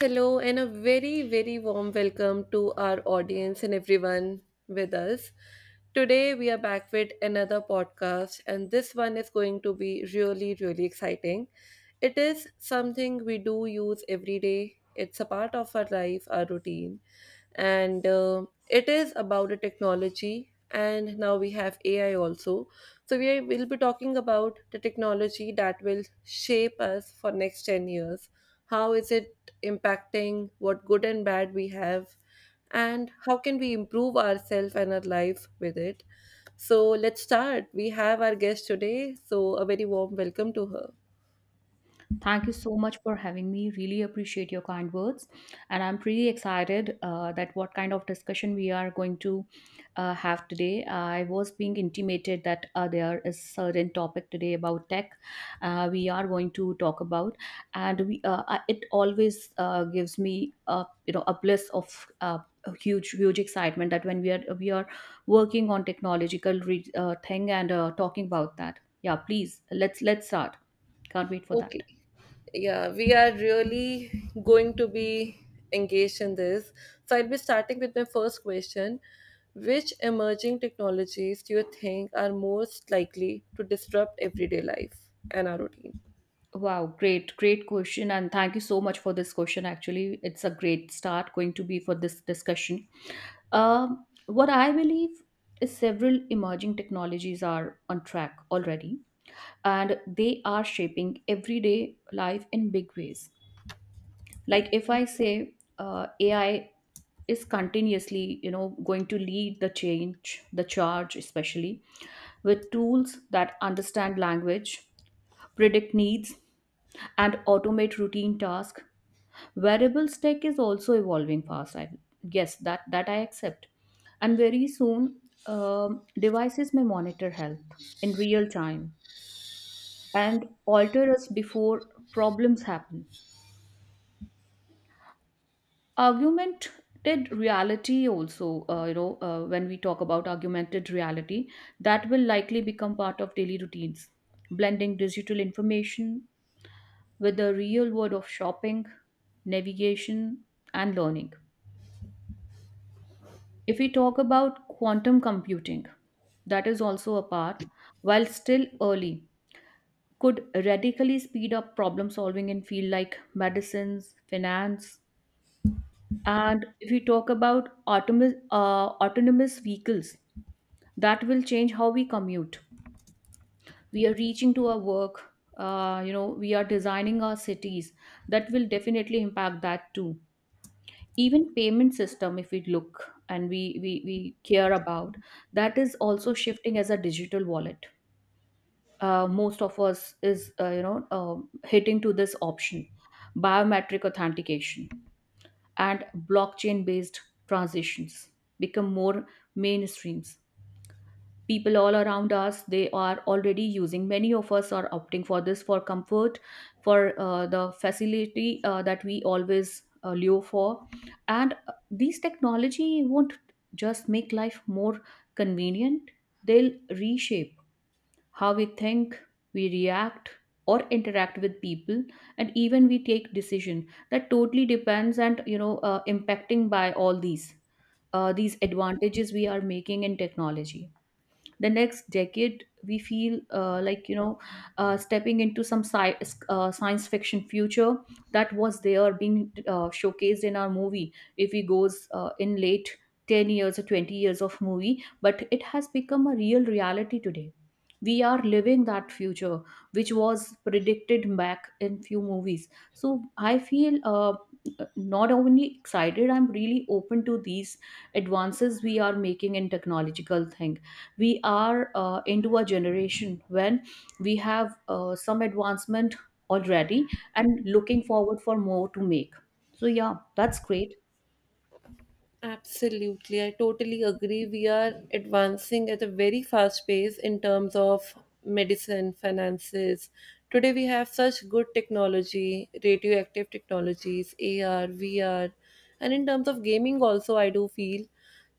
Hello, and a very, very warm welcome to our audience and everyone with us. Today, we are back with another podcast, and this one is going to be really, really exciting. It is something we do use every day. It's a part of our life, our routine, and it is about the technology. And now we have AI also. So, we will be talking about the technology that will shape us for next 10 years, how is it impacting, what good and bad we have, and how can we improve ourselves and our life with it. So let's start. We have our guest today, so a very warm welcome to her. Thank you so much for having me. Really appreciate your kind words. And I'm pretty excited that what kind of discussion we are going to have today. I was being intimated that there is certain topic today about tech we are going to talk about. And it always gives me a, you know, a bliss of a huge excitement that when we are working on technological thing and talking about that. Yeah, please, let's start. Can't wait for that. Okay, yeah, we are really going to be engaged in this, so I'll be starting with my first question. Which emerging technologies do you think are most likely to disrupt everyday life and our routine? Wow, great question. And thank you so much for this question. Actually, it's a great start going to be for this discussion. What I believe is several emerging technologies are on track already, and they are shaping everyday life in big ways. Like if I say AI is continuously, you know, going to lead the change, the charge, especially with tools that understand language, predict needs and automate routine tasks. Wearable tech is also evolving fast. I, yes, that I accept. And very soon, devices may monitor health in real time and alter us before problems happen. Augmented reality also, when we talk about augmented reality, that will likely become part of daily routines, blending digital information with the real world of shopping, navigation, and learning. If we talk about quantum computing, that is also a part, while still early, could radically speed up problem solving in field like medicines, finance, and if we talk about autonomous vehicles, that will change how we commute. We are reaching to our work. You know, we are designing our cities. That will definitely impact that too. Even payment system if we look and we care about, that is also shifting as a digital wallet. Most of us is you know, hitting to this option, biometric authentication and blockchain based transitions become more mainstreams. People all around us, they are already using, many of us are opting for this for comfort, for the facility that we always lure for. And these technology won't just make life more convenient, they'll reshape how we think, we react, or interact with people, and even we take decision. That totally depends and you know, impacting by all these advantages we are making in technology. The next decade we feel stepping into some science fiction future that was there being showcased in our movie. If we goes in late 10 years or 20 years of movie, but it has become a real reality today. We are living that future which was predicted back in few movies. So I feel not only excited, I'm really open to these advances we are making in technological things. We are into a generation when we have some advancement already and looking forward for more to make. So yeah, that's great. Absolutely, I totally agree. We are advancing at a very fast pace in terms of medicine, finances. Today, we have such good technology, radioactive technologies, AR, VR, and in terms of gaming also, I do feel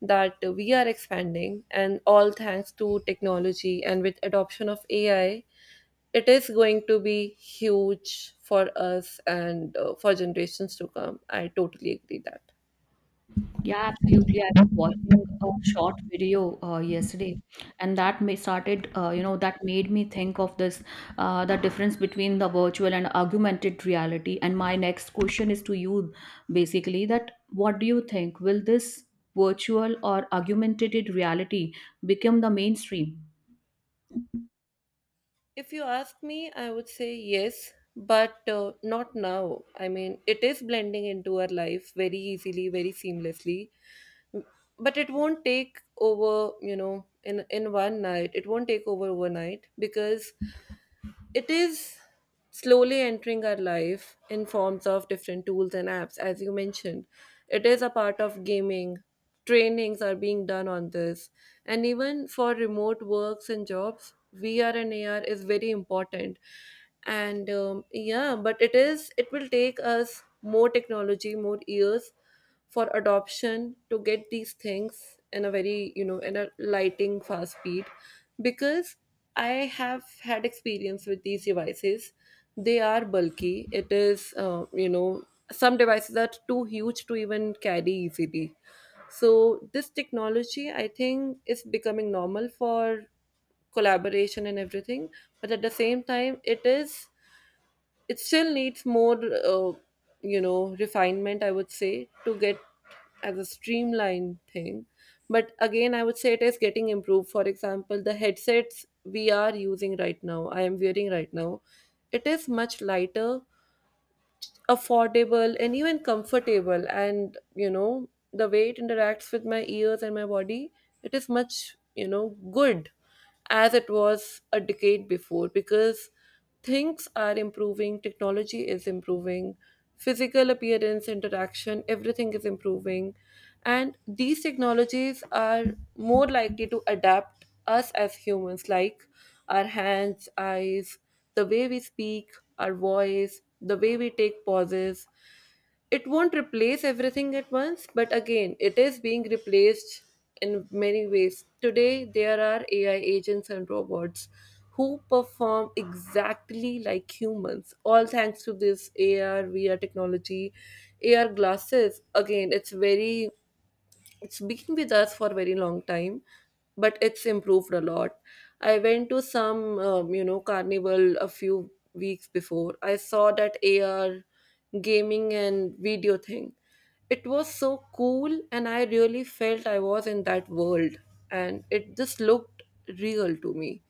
that we are expanding, and all thanks to technology and with adoption of AI, it is going to be huge for us and for generations to come. I totally agree that. Yeah, absolutely. I was watching a short video yesterday, and that may started, that made me think of this, the difference between the virtual and augmented reality. And my next question is to you, basically, that what do you think? Will this virtual or augmented reality become the mainstream? If you ask me, I would say yes, but not now. I mean, it is blending into our life very easily, very seamlessly, but it won't take over, you know, in one night. It won't take over overnight because it is slowly entering our life in forms of different tools and apps as you mentioned. It is a part of gaming, trainings are being done on this, and even for remote works and jobs, VR and AR is very important. And yeah, but it is, it will take us more technology, more years for adoption to get these things in a very, you know, in a lighting fast speed, because I have had experience with these devices. They are bulky. It is, you know, some devices are too huge to even carry easily. So this technology, I think, is becoming normal for collaboration and everything. But at the same time, it is it still needs more, uh, you know, refinement, I would say, to get as a streamlined thing. But again, I would say it is getting improved. For example, the headsets we are using right now, I am wearing right now, it is much lighter, affordable, and even comfortable. And you know, the way it interacts with my ears and my body, it is much, you know, good as it was a decade before, because things are improving, technology is improving, physical appearance, interaction, everything is improving. And these technologies are more likely to adapt us as humans, like our hands, eyes, the way we speak, our voice, the way we take pauses. It won't replace everything at once, but again, it is being replaced in many ways. Today, there are AI agents and robots who perform exactly like humans, all thanks to this AR, VR technology. AR glasses, again, it's very, it's been with us for a very long time, but it's improved a lot. I went to some you know, carnival a few weeks before. I saw that AR gaming and video thing. It was so cool, and I really felt I was in that world, and it just looked real to me.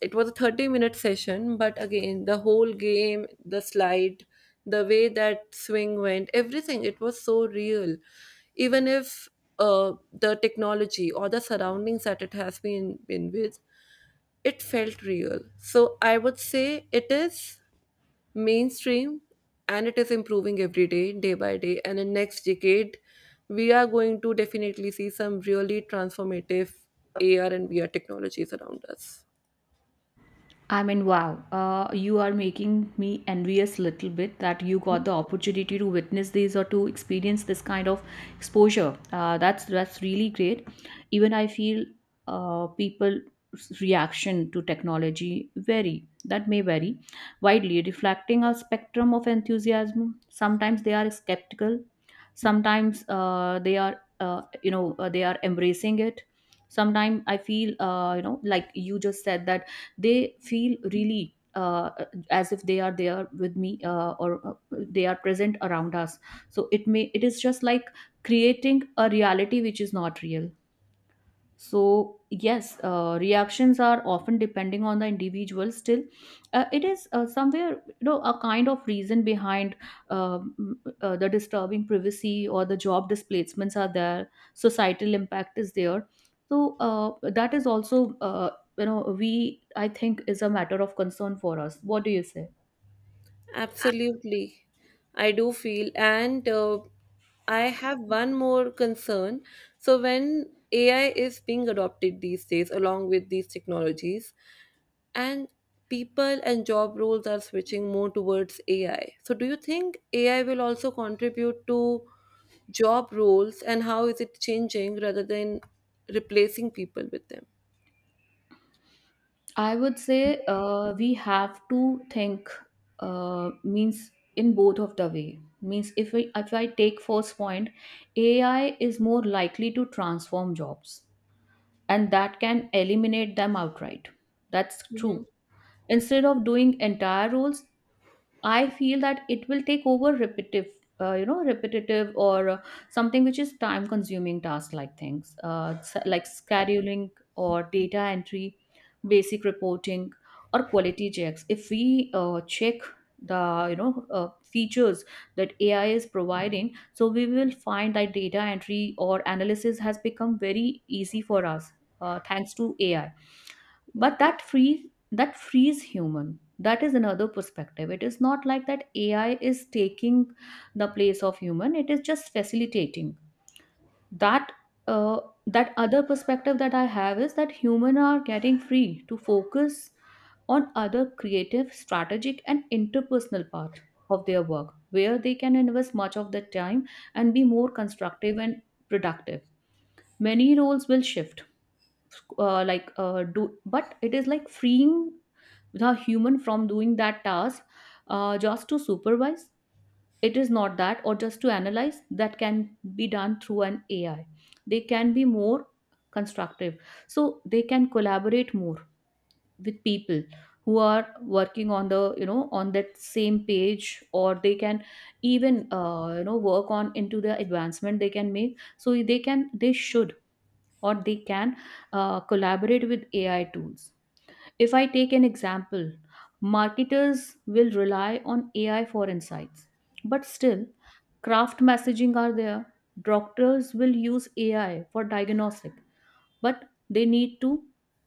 It was a 30-minute minute session, but again, the whole game, the slide, the way that swing went, everything, it was so real. Even if the technology or the surroundings that it has been with, it felt real. So I would say it is mainstream, and it is improving every day, day by day. And in next decade, we are going to definitely see some really transformative AR and VR technologies around us. I mean, wow, you are making me envious little bit that you got the opportunity to witness this or to experience this kind of exposure. That's really great. Even I feel people's reaction to technology vary. That may vary widely, reflecting a spectrum of enthusiasm. Sometimes they are skeptical. Sometimes they are embracing it. Sometimes I feel, like you just said that they feel really as if they are there with me or they are present around us. So it may, it is just like creating a reality which is not real. So, yes, reactions are often depending on the individual. Still, it is somewhere, you know, a kind of reason behind the disturbing privacy or the job displacements are there, societal impact is there. So, that is also, we, I think, is a matter of concern for us. What do you say? Absolutely, I do feel, and I have one more concern. So, when AI is being adopted these days along with these technologies, and people and job roles are switching more towards AI. So, do you think AI will also contribute to job roles, and how is it changing rather than replacing people with them? I would say we have to think means in both of the way means if I take first point, AI is more likely to transform jobs and that can eliminate them outright. That's Mm-hmm. true. Instead of doing entire roles, I feel that it will take over repetitive, repetitive or something which is time consuming task like things, like scheduling or data entry, basic reporting or quality checks. If we check the you know features that AI is providing, so we will find that data entry or analysis has become very easy for us thanks to AI. But that frees human, that is another perspective. It is not like that AI is taking the place of human, it is just facilitating that. Uh, that other perspective that I have is that human are getting free to focus on other creative, strategic and interpersonal part of their work, where they can invest much of their time and be more constructive and productive. Many roles will shift, do, but it is like freeing the human from doing that task, just to supervise. It is not that, or just to analyze that can be done through an AI. They can be more constructive, so they can collaborate more with people who are working on the, you know, on that same page, or they can even, work on into the advancement they can make. So they can, they should, or they can collaborate with AI tools. If I take an example, marketers will rely on AI for insights. But still, craft messaging are there. Doctors will use AI for diagnostic, but they need to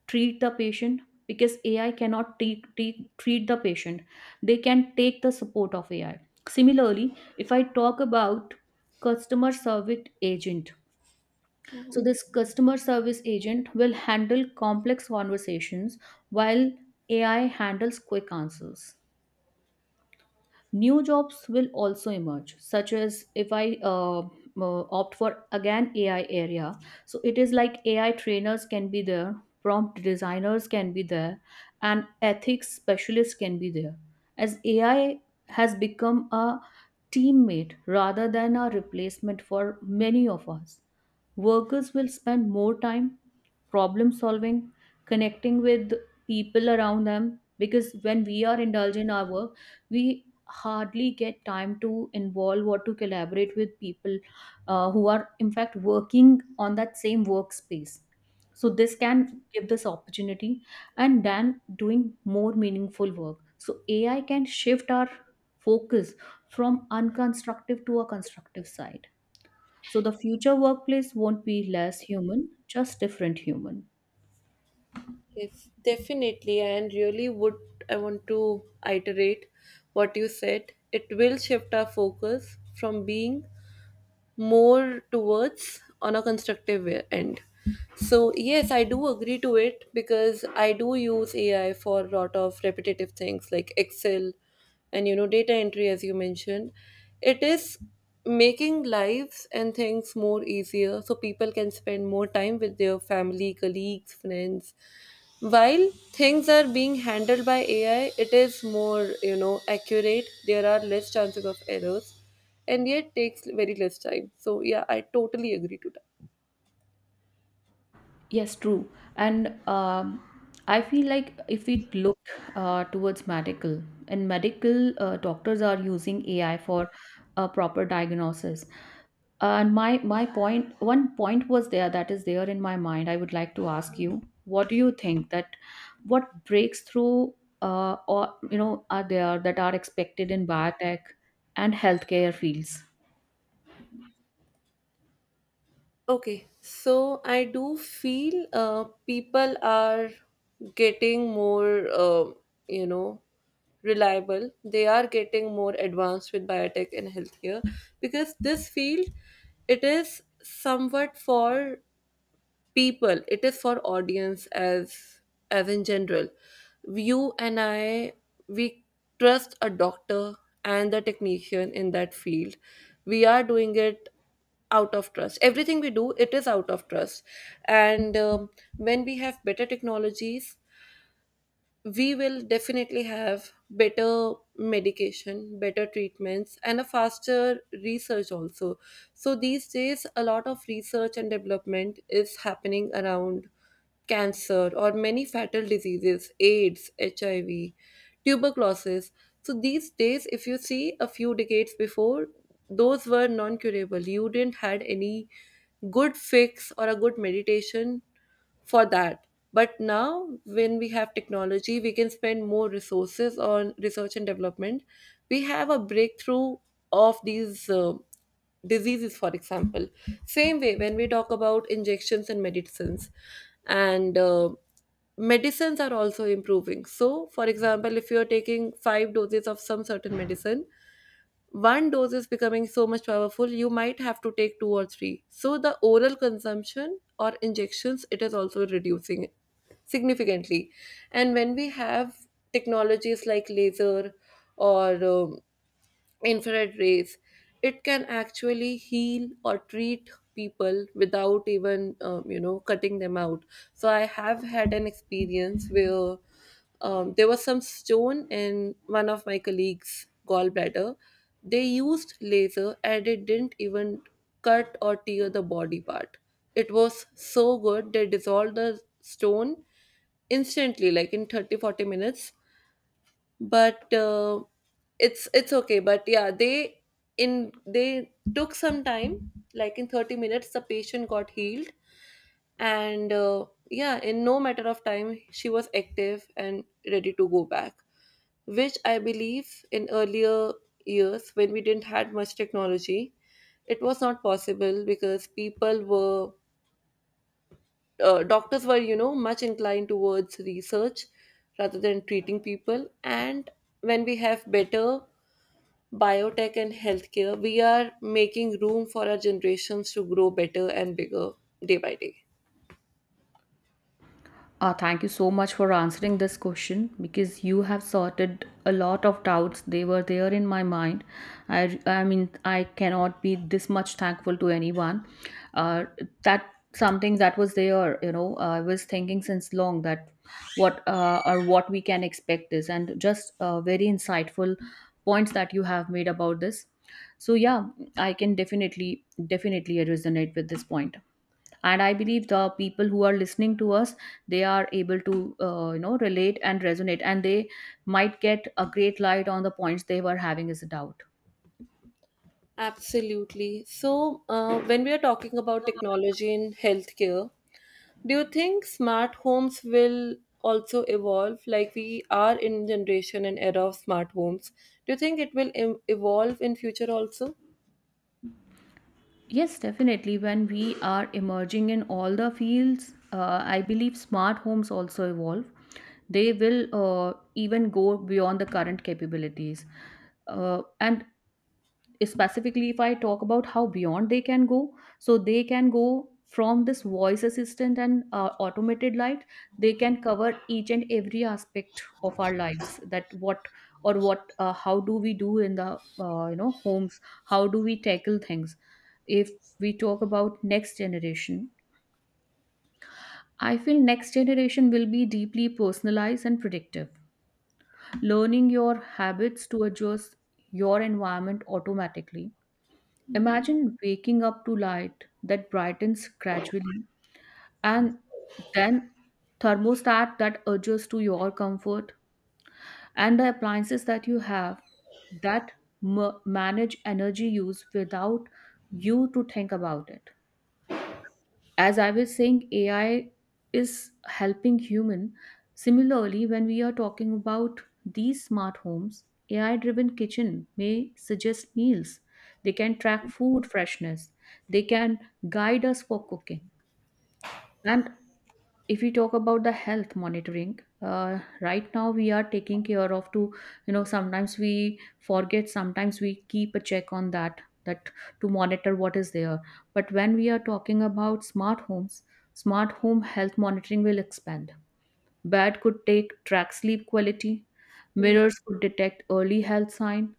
treat the patient because AI cannot treat the patient. They can take the support of AI. Similarly, if I talk about customer service agent, so, this customer service agent will handle complex conversations while AI handles quick answers. New jobs will also emerge, such as if I opt for again AI area. So it is like AI trainers can be there, prompt designers can be there, and ethics specialists can be there. As AI has become a teammate rather than a replacement for many of us. Workers will spend more time problem solving, connecting with people around them, because when we are indulged in our work, we hardly get time to involve or to collaborate with people who are in fact working on that same workspace. So this can give this opportunity, and then doing more meaningful work. So AI can shift our focus from unconstructive to a constructive side. So the future workplace won't be less human, just different human. Yes, definitely, and really would, I want to iterate what you said. It will shift our focus from being more towards on a constructive way- end. So yes, I do agree to it because I do use AI for a lot of repetitive things like Excel and you know, data entry as you mentioned. It is making lives and things more easier so people can spend more time with their family, colleagues, friends. While things are being handled by AI, it is more, you know, accurate. There are less chances of errors and yet takes very less time. So yeah, I totally agree to that. Yes, true. And I feel like if we look towards medical, in medical, doctors are using AI for a proper diagnosis. And my point, one point was there that is there in my mind. I would like to ask you, what do you think that what breakthrough or you know are there that are expected in biotech and healthcare fields? Okay, so I do feel people are getting more, you know, reliable. They are getting more advanced with biotech and healthcare, because this field, it is somewhat for people, it is for audience as in general, you and I, we trust a doctor and the technician in that field. We are doing it out of trust. Everything we do, it is out of trust. And when we have better technologies, we will definitely have better medication, better treatments, and a faster research also. So, these days, a lot of research and development is happening around cancer or many fatal diseases, AIDS, HIV, tuberculosis. So, these days, if you see a few decades before, those were non curable. You didn't had any good fix or a good meditation for that. But now, when we have technology, we can spend more resources on research and development. We have a breakthrough of these diseases, for example. Same way, when we talk about injections and medicines are also improving. So, for example, if you are taking 5 doses of some certain medicine, one dose is becoming so much powerful, you might have to take two or three. So, the oral consumption or injections, it is also reducing significantly. And when we have technologies like laser or infrared rays, it can actually heal or treat people without even you know, cutting them out. So I have had an experience where there was some stone in one of my colleagues' gallbladder. They used laser and it didn't even cut or tear the body part. It was so good, they dissolved the stone instantly, like in 30 40 minutes. But it's okay, but yeah, they in they took some time, like in 30 minutes the patient got healed. And yeah, in no matter of time she was active and ready to go back, which I believe in earlier years, when we didn't had much technology, it was not possible because people were, doctors were, you know, much inclined towards research rather than treating people. And when we have better biotech and healthcare, we are making room for our generations to grow better and bigger day by day. Thank you so much for answering this question because you have sorted a lot of doubts. They were there in my mind. I mean, I cannot be this much thankful to anyone. Uh, that something that was there, you know, I was thinking since long that what or what we can expect is, and just very insightful points that you have made about this. So, yeah, I can definitely resonate with this point, and I believe the people who are listening to us, they are able to relate and resonate, and they might get a great light on the points they were having as a doubt. Absolutely. So, when we are talking about technology in healthcare, do you think smart homes will also evolve? Like, we are in generation and era of smart homes. Do you think it will evolve in future also? Yes, definitely, when we are emerging in all the fields, I believe smart homes also evolve. They will even go beyond the current capabilities, and specifically if I talk about how beyond they can go, so they can go from this voice assistant and automated light, they can cover each and every aspect of our lives, that what or what, how do we do in the homes, how do we tackle things. If we talk about next generation, I feel next generation will be deeply personalized and predictive, learning your habits to adjust your environment automatically. Imagine waking up to light that brightens gradually, and then thermostat that adjusts to your comfort, and the appliances that you have that manage energy use without you to think about it. As I was saying, AI is helping human. Similarly, when we are talking about these smart homes, AI driven kitchen may suggest meals, they can track food freshness, they can guide us for cooking. And if we talk about the health monitoring, right now we are taking care of to, you know, sometimes we forget, sometimes we keep a check on that, that to monitor what is there. But when we are talking about smart homes, smart home health monitoring will expand. Bed could take track sleep quality, mirrors could detect early health sign,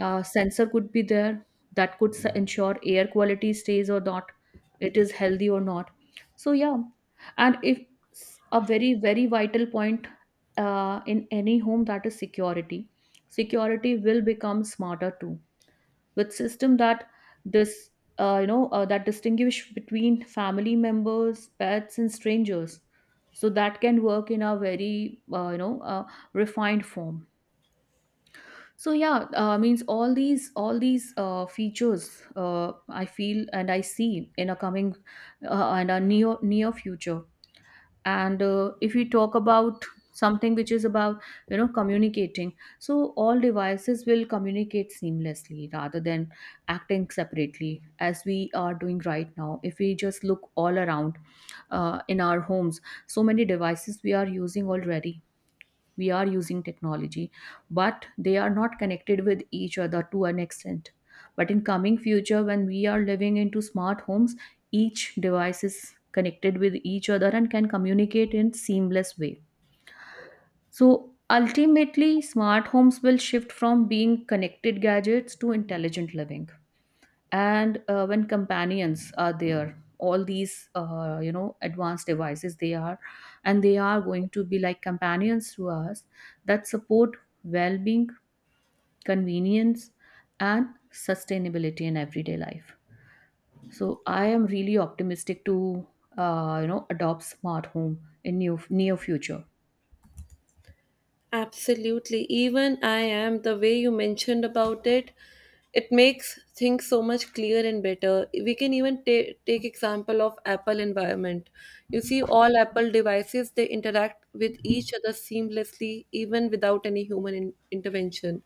sensor could be there that could ensure air quality stays or not, it is healthy or not. So, yeah. And if, a very very vital point in any home, that is security. Security will become smarter too, with system that this that distinguish between family members, pets and strangers, so that can work in a very, refined form. So, yeah, means all these features, I feel and I see in a coming and a near, near future. And if we talk about something which is about, you know, communicating, so all devices will communicate seamlessly rather than acting separately, as we are doing right now. If we just look all around in our homes, so many devices we are using already, we are using technology, but they are not connected with each other to an extent. But in coming future, when we are living into smart homes, each device is connected with each other and can communicate in seamless way. So ultimately, smart homes will shift from being connected gadgets to intelligent living. And when companions are there, all these advanced devices, they are and they are going to be like companions to us that support well-being, convenience, and sustainability in everyday life. So I am really optimistic to, adopt smart home in near, near future. Absolutely. Even I am, the way you mentioned about it, it makes things so much clearer and better. We can even take example of Apple environment. You see, all Apple devices, they interact with each other seamlessly, even without any human intervention.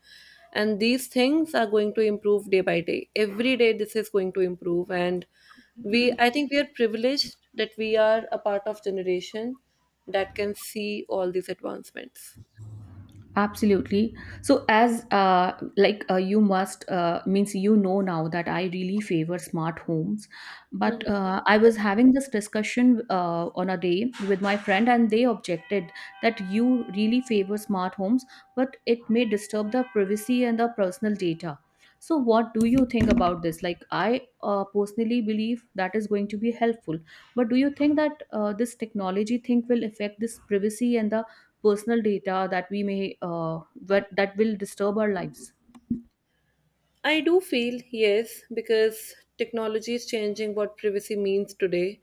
And these things are going to improve day by day. Every day, this is going to improve. And we, I think, we are privileged that we are a part of generation that can see all these advancements. Absolutely. So as like, you must, means, you know, now that I really favor smart homes, but Mhm. I was having this discussion on a day with my friend, and they objected that you really favor smart homes, but it may disturb the privacy and the personal data. So what do you think about this? Like, I personally believe that is going to be helpful, but do you think that this technology thing will affect this privacy and the personal data that we may that, that will disturb our lives? I do feel yes, because technology is changing what privacy means today.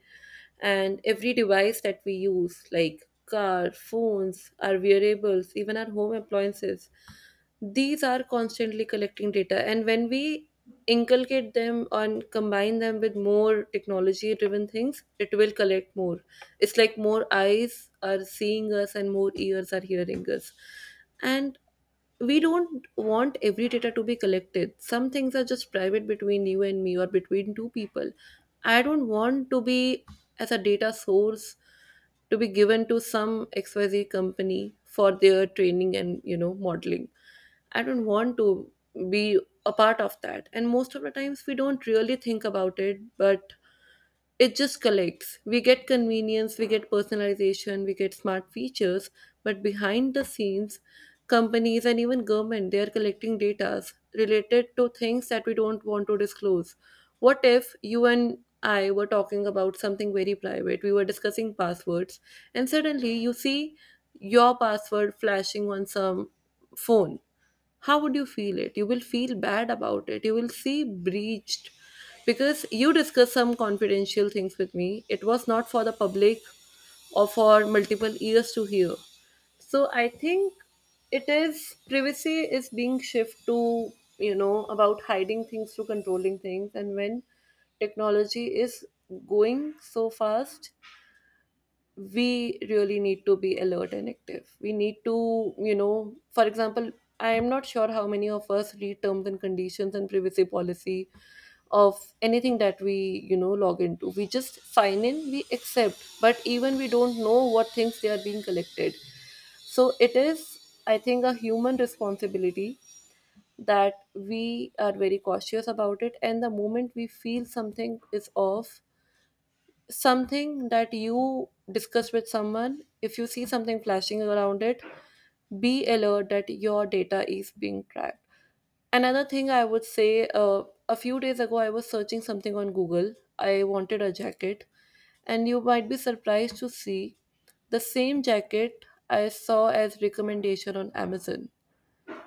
And every device that we use, like car, phones, our wearables, even our home appliances, these are constantly collecting data. And when we inculcate them and combine them with more technology driven things, it will collect more. It's like more eyes are seeing us and more ears are hearing us. And we don't want every data to be collected. Some things are just private between you and me or between two people. I don't want to be as a data source to be given to some XYZ company for their training and you know, modeling. I don't want to be a part of that. And most of the times we don't really think about it, but it just collects. We get convenience, we get personalization, we get smart features, but behind the scenes, companies and even government, they are collecting data related to things that we don't want to disclose. What if you and I were talking about something very private? We were discussing passwords, and suddenly you see your password flashing on some phone. How would you feel it? You will feel bad about it, you will see breached, because you discussed some confidential things with me. It was not for the public or for multiple ears to hear. So I think it is, privacy is being shift to, about hiding things to controlling things. And when technology is going so fast, we really need to be alert and active. We need to, for example, I am not sure how many of us read terms and conditions and privacy policy of anything that we, log into. We just sign in, we accept, but even we don't know what things they are being collected. So it is, I think, a human responsibility that we are very cautious about it. And the moment we feel something is off, something that you discuss with someone, if you see something flashing around it, be alert that your data is being tracked. Another thing I would say, a few days ago, I was searching something on Google. I wanted a jacket, and you might be surprised to see the same jacket I saw as recommendation on Amazon.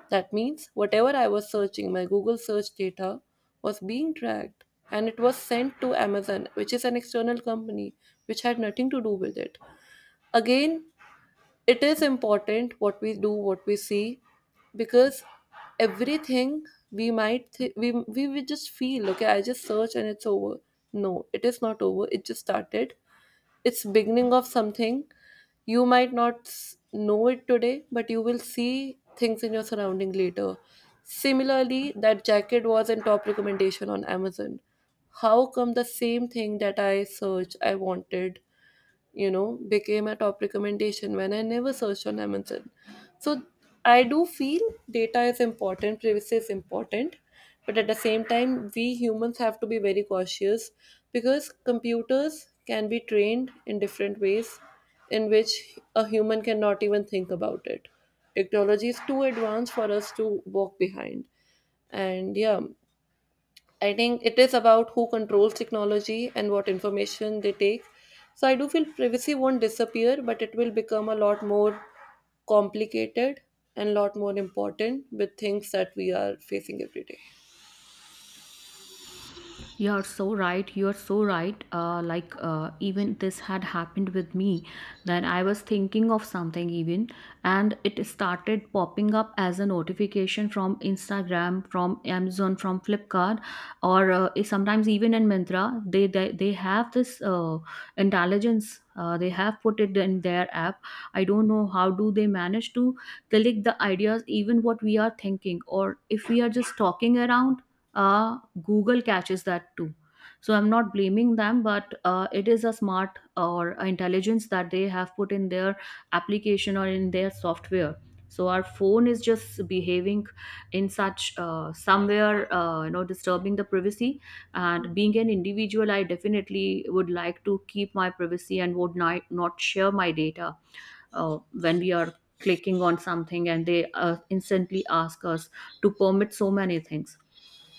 That means whatever I was searching, my Google search data was being tracked and it was sent to Amazon, which is an external company which had nothing to do with it. Again, it is important what we do, what we see, because everything, we might th- we would just feel okay, I just search and it's over. No, it is not over, it just started. It's beginning of something. You might not know it today, but you will see things in your surrounding later. Similarly, that jacket was in top recommendation on Amazon. How come the same thing that I searched I wanted, became a top recommendation when I never searched on Amazon? So I do feel data is important, privacy is important, but at the same time, we humans have to be very cautious, because computers can be trained in different ways in which a human cannot even think about it. Technology is too advanced for us to walk behind. And yeah, I think it is about who controls technology and what information they take. So I do feel privacy won't disappear, but it will become a lot more complicated and a lot more important with things that we are facing every day. You're so right. You're so right. Even this had happened with me that I was thinking of something, even, and it started popping up as a notification from Instagram, from Amazon, from Flipkart, or sometimes even in Myntra. They have this intelligence. They have put it in their app. I don't know how do they manage to collect the ideas, even what we are thinking, or if we are just talking around. Google catches that too. So I'm not blaming them, but it is a smart, or intelligence that they have put in their application or in their software. So our phone is just behaving in such, somewhere, disturbing the privacy. And being an individual, I definitely would like to keep my privacy and would not share my data when we are clicking on something and they instantly ask us to permit so many things.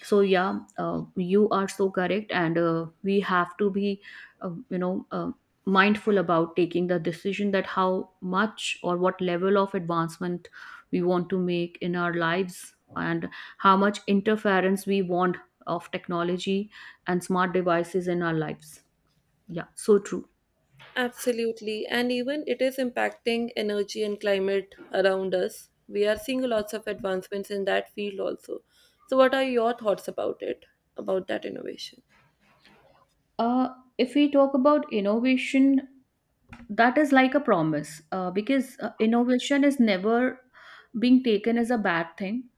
So yeah, you are so correct, and we have to be uh, you know uh, mindful about taking the decision that how much or what level of advancement we want to make in our lives, and how much interference we want of technology and smart devices in our lives. Yeah, so true. Absolutely. And even it is impacting energy and climate around us. We are seeing lots of advancements in that field also. So, what are your thoughts about it, about that innovation? uh, if we talk about innovation, that is like a promise, because innovation is never being taken as a bad thing.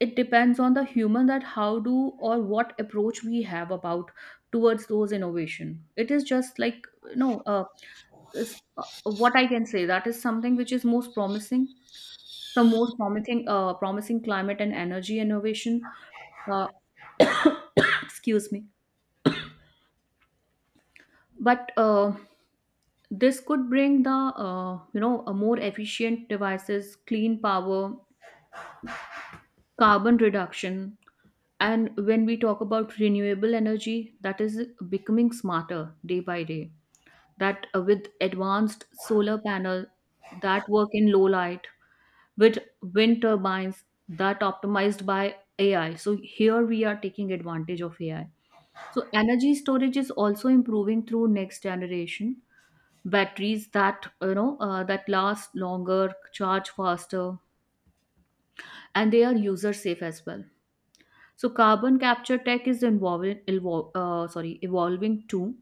It depends on the human that how do or what approach we have about towards those innovation. It is just like, you know uh, is, what I can say, that is something which is most promising. Some most promising promising climate and energy innovation. uh, Excuse me. But this could bring the a more efficient devices, clean power, carbon reduction. And when we talk about renewable energy, that is becoming smarter day by day, that with advanced solar panel that work in low light, with wind turbines that optimized by AI. So here we are taking advantage of AI. So energy storage is also improving through next generation batteries that, that last longer, charge faster, and they are user safe as well. So carbon capture tech is involving, sorry, evolving too.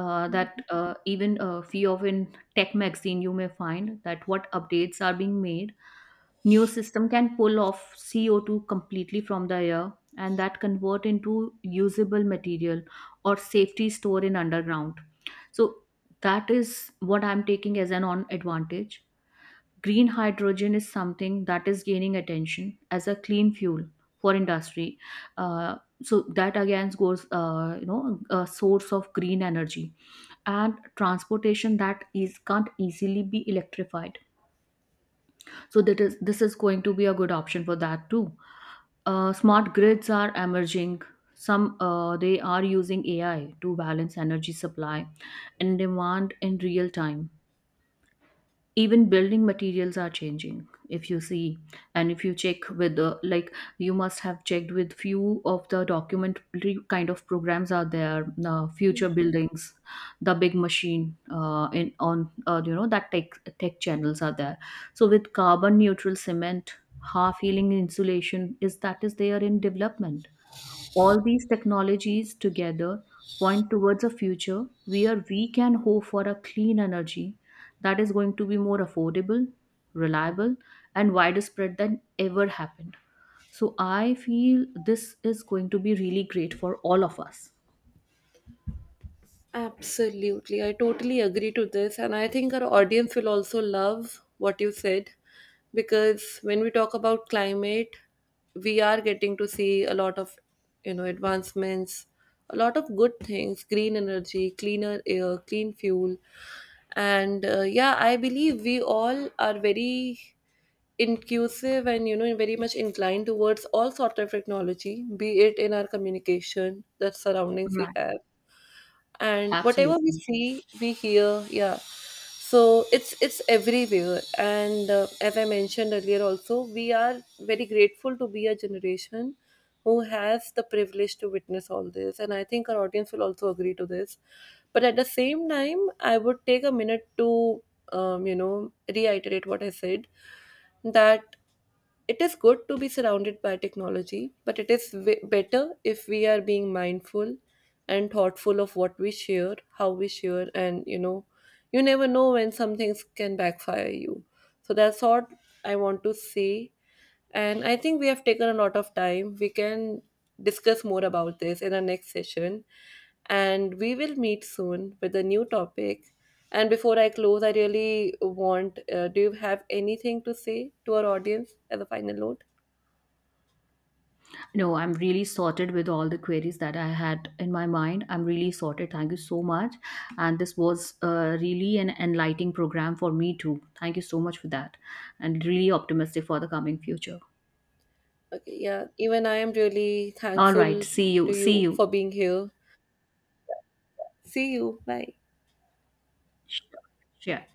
That even a few of in tech magazine you may find that what updates are being made. New system can pull off CO2 completely from the air and that convert into usable material or safety store in underground. So that is what I'm taking as an on advantage. Green hydrogen is something that is gaining attention as a clean fuel for industry, uh, so that again goes, a source of green energy, and transportation that is can't easily be electrified, so that is, this is going to be a good option for that too. Smart grids are emerging. Some they are using AI to balance energy supply and demand in real time. Even building materials are changing, if you see. And if you check with the, like, you must have checked with few of the documentary kind of programs are there, future buildings, the big machine in on that tech channels are there. So with carbon neutral cement, half healing insulation is that is there in development. All these technologies together point towards a future where we can hope for a clean energy that is going to be more affordable, reliable, and widespread than ever happened. So I feel this is going to be really great for all of us. Absolutely. I totally agree to this. And I think our audience will also love what you said, because when we talk about climate, we are getting to see a lot of, advancements, a lot of good things: green energy, cleaner air, clean fuel. And yeah, I believe we all are very inclusive and you know very much inclined towards all sort of technology, be it in our communication, the surroundings we Right. have and whatever we Absolutely. see, we hear. Yeah, so it's everywhere. And as I mentioned earlier also, we are very grateful to be a generation who has the privilege to witness all this, and I think our audience will also agree to this. But at the same time, I would take a minute to, reiterate what I said, that it is good to be surrounded by technology, but it is better if we are being mindful and thoughtful of what we share, how we share, and you know, you never know when some things can backfire you. So that's what I want to say. And I think we have taken a lot of time. We can discuss more about this in our next session. And we will meet soon with a new topic. And before I close, I really want, do you have anything to say to our audience as a final note? No, I'm really sorted with all the queries that I had in my mind. I'm really sorted. Thank you so much. And this was really an enlightening program for me too. Thank you so much for that. And really optimistic for the coming future. Okay, yeah. Even I am really All right. thankful See you. to See you you. for being here. See you. Bye. Sure. Yeah.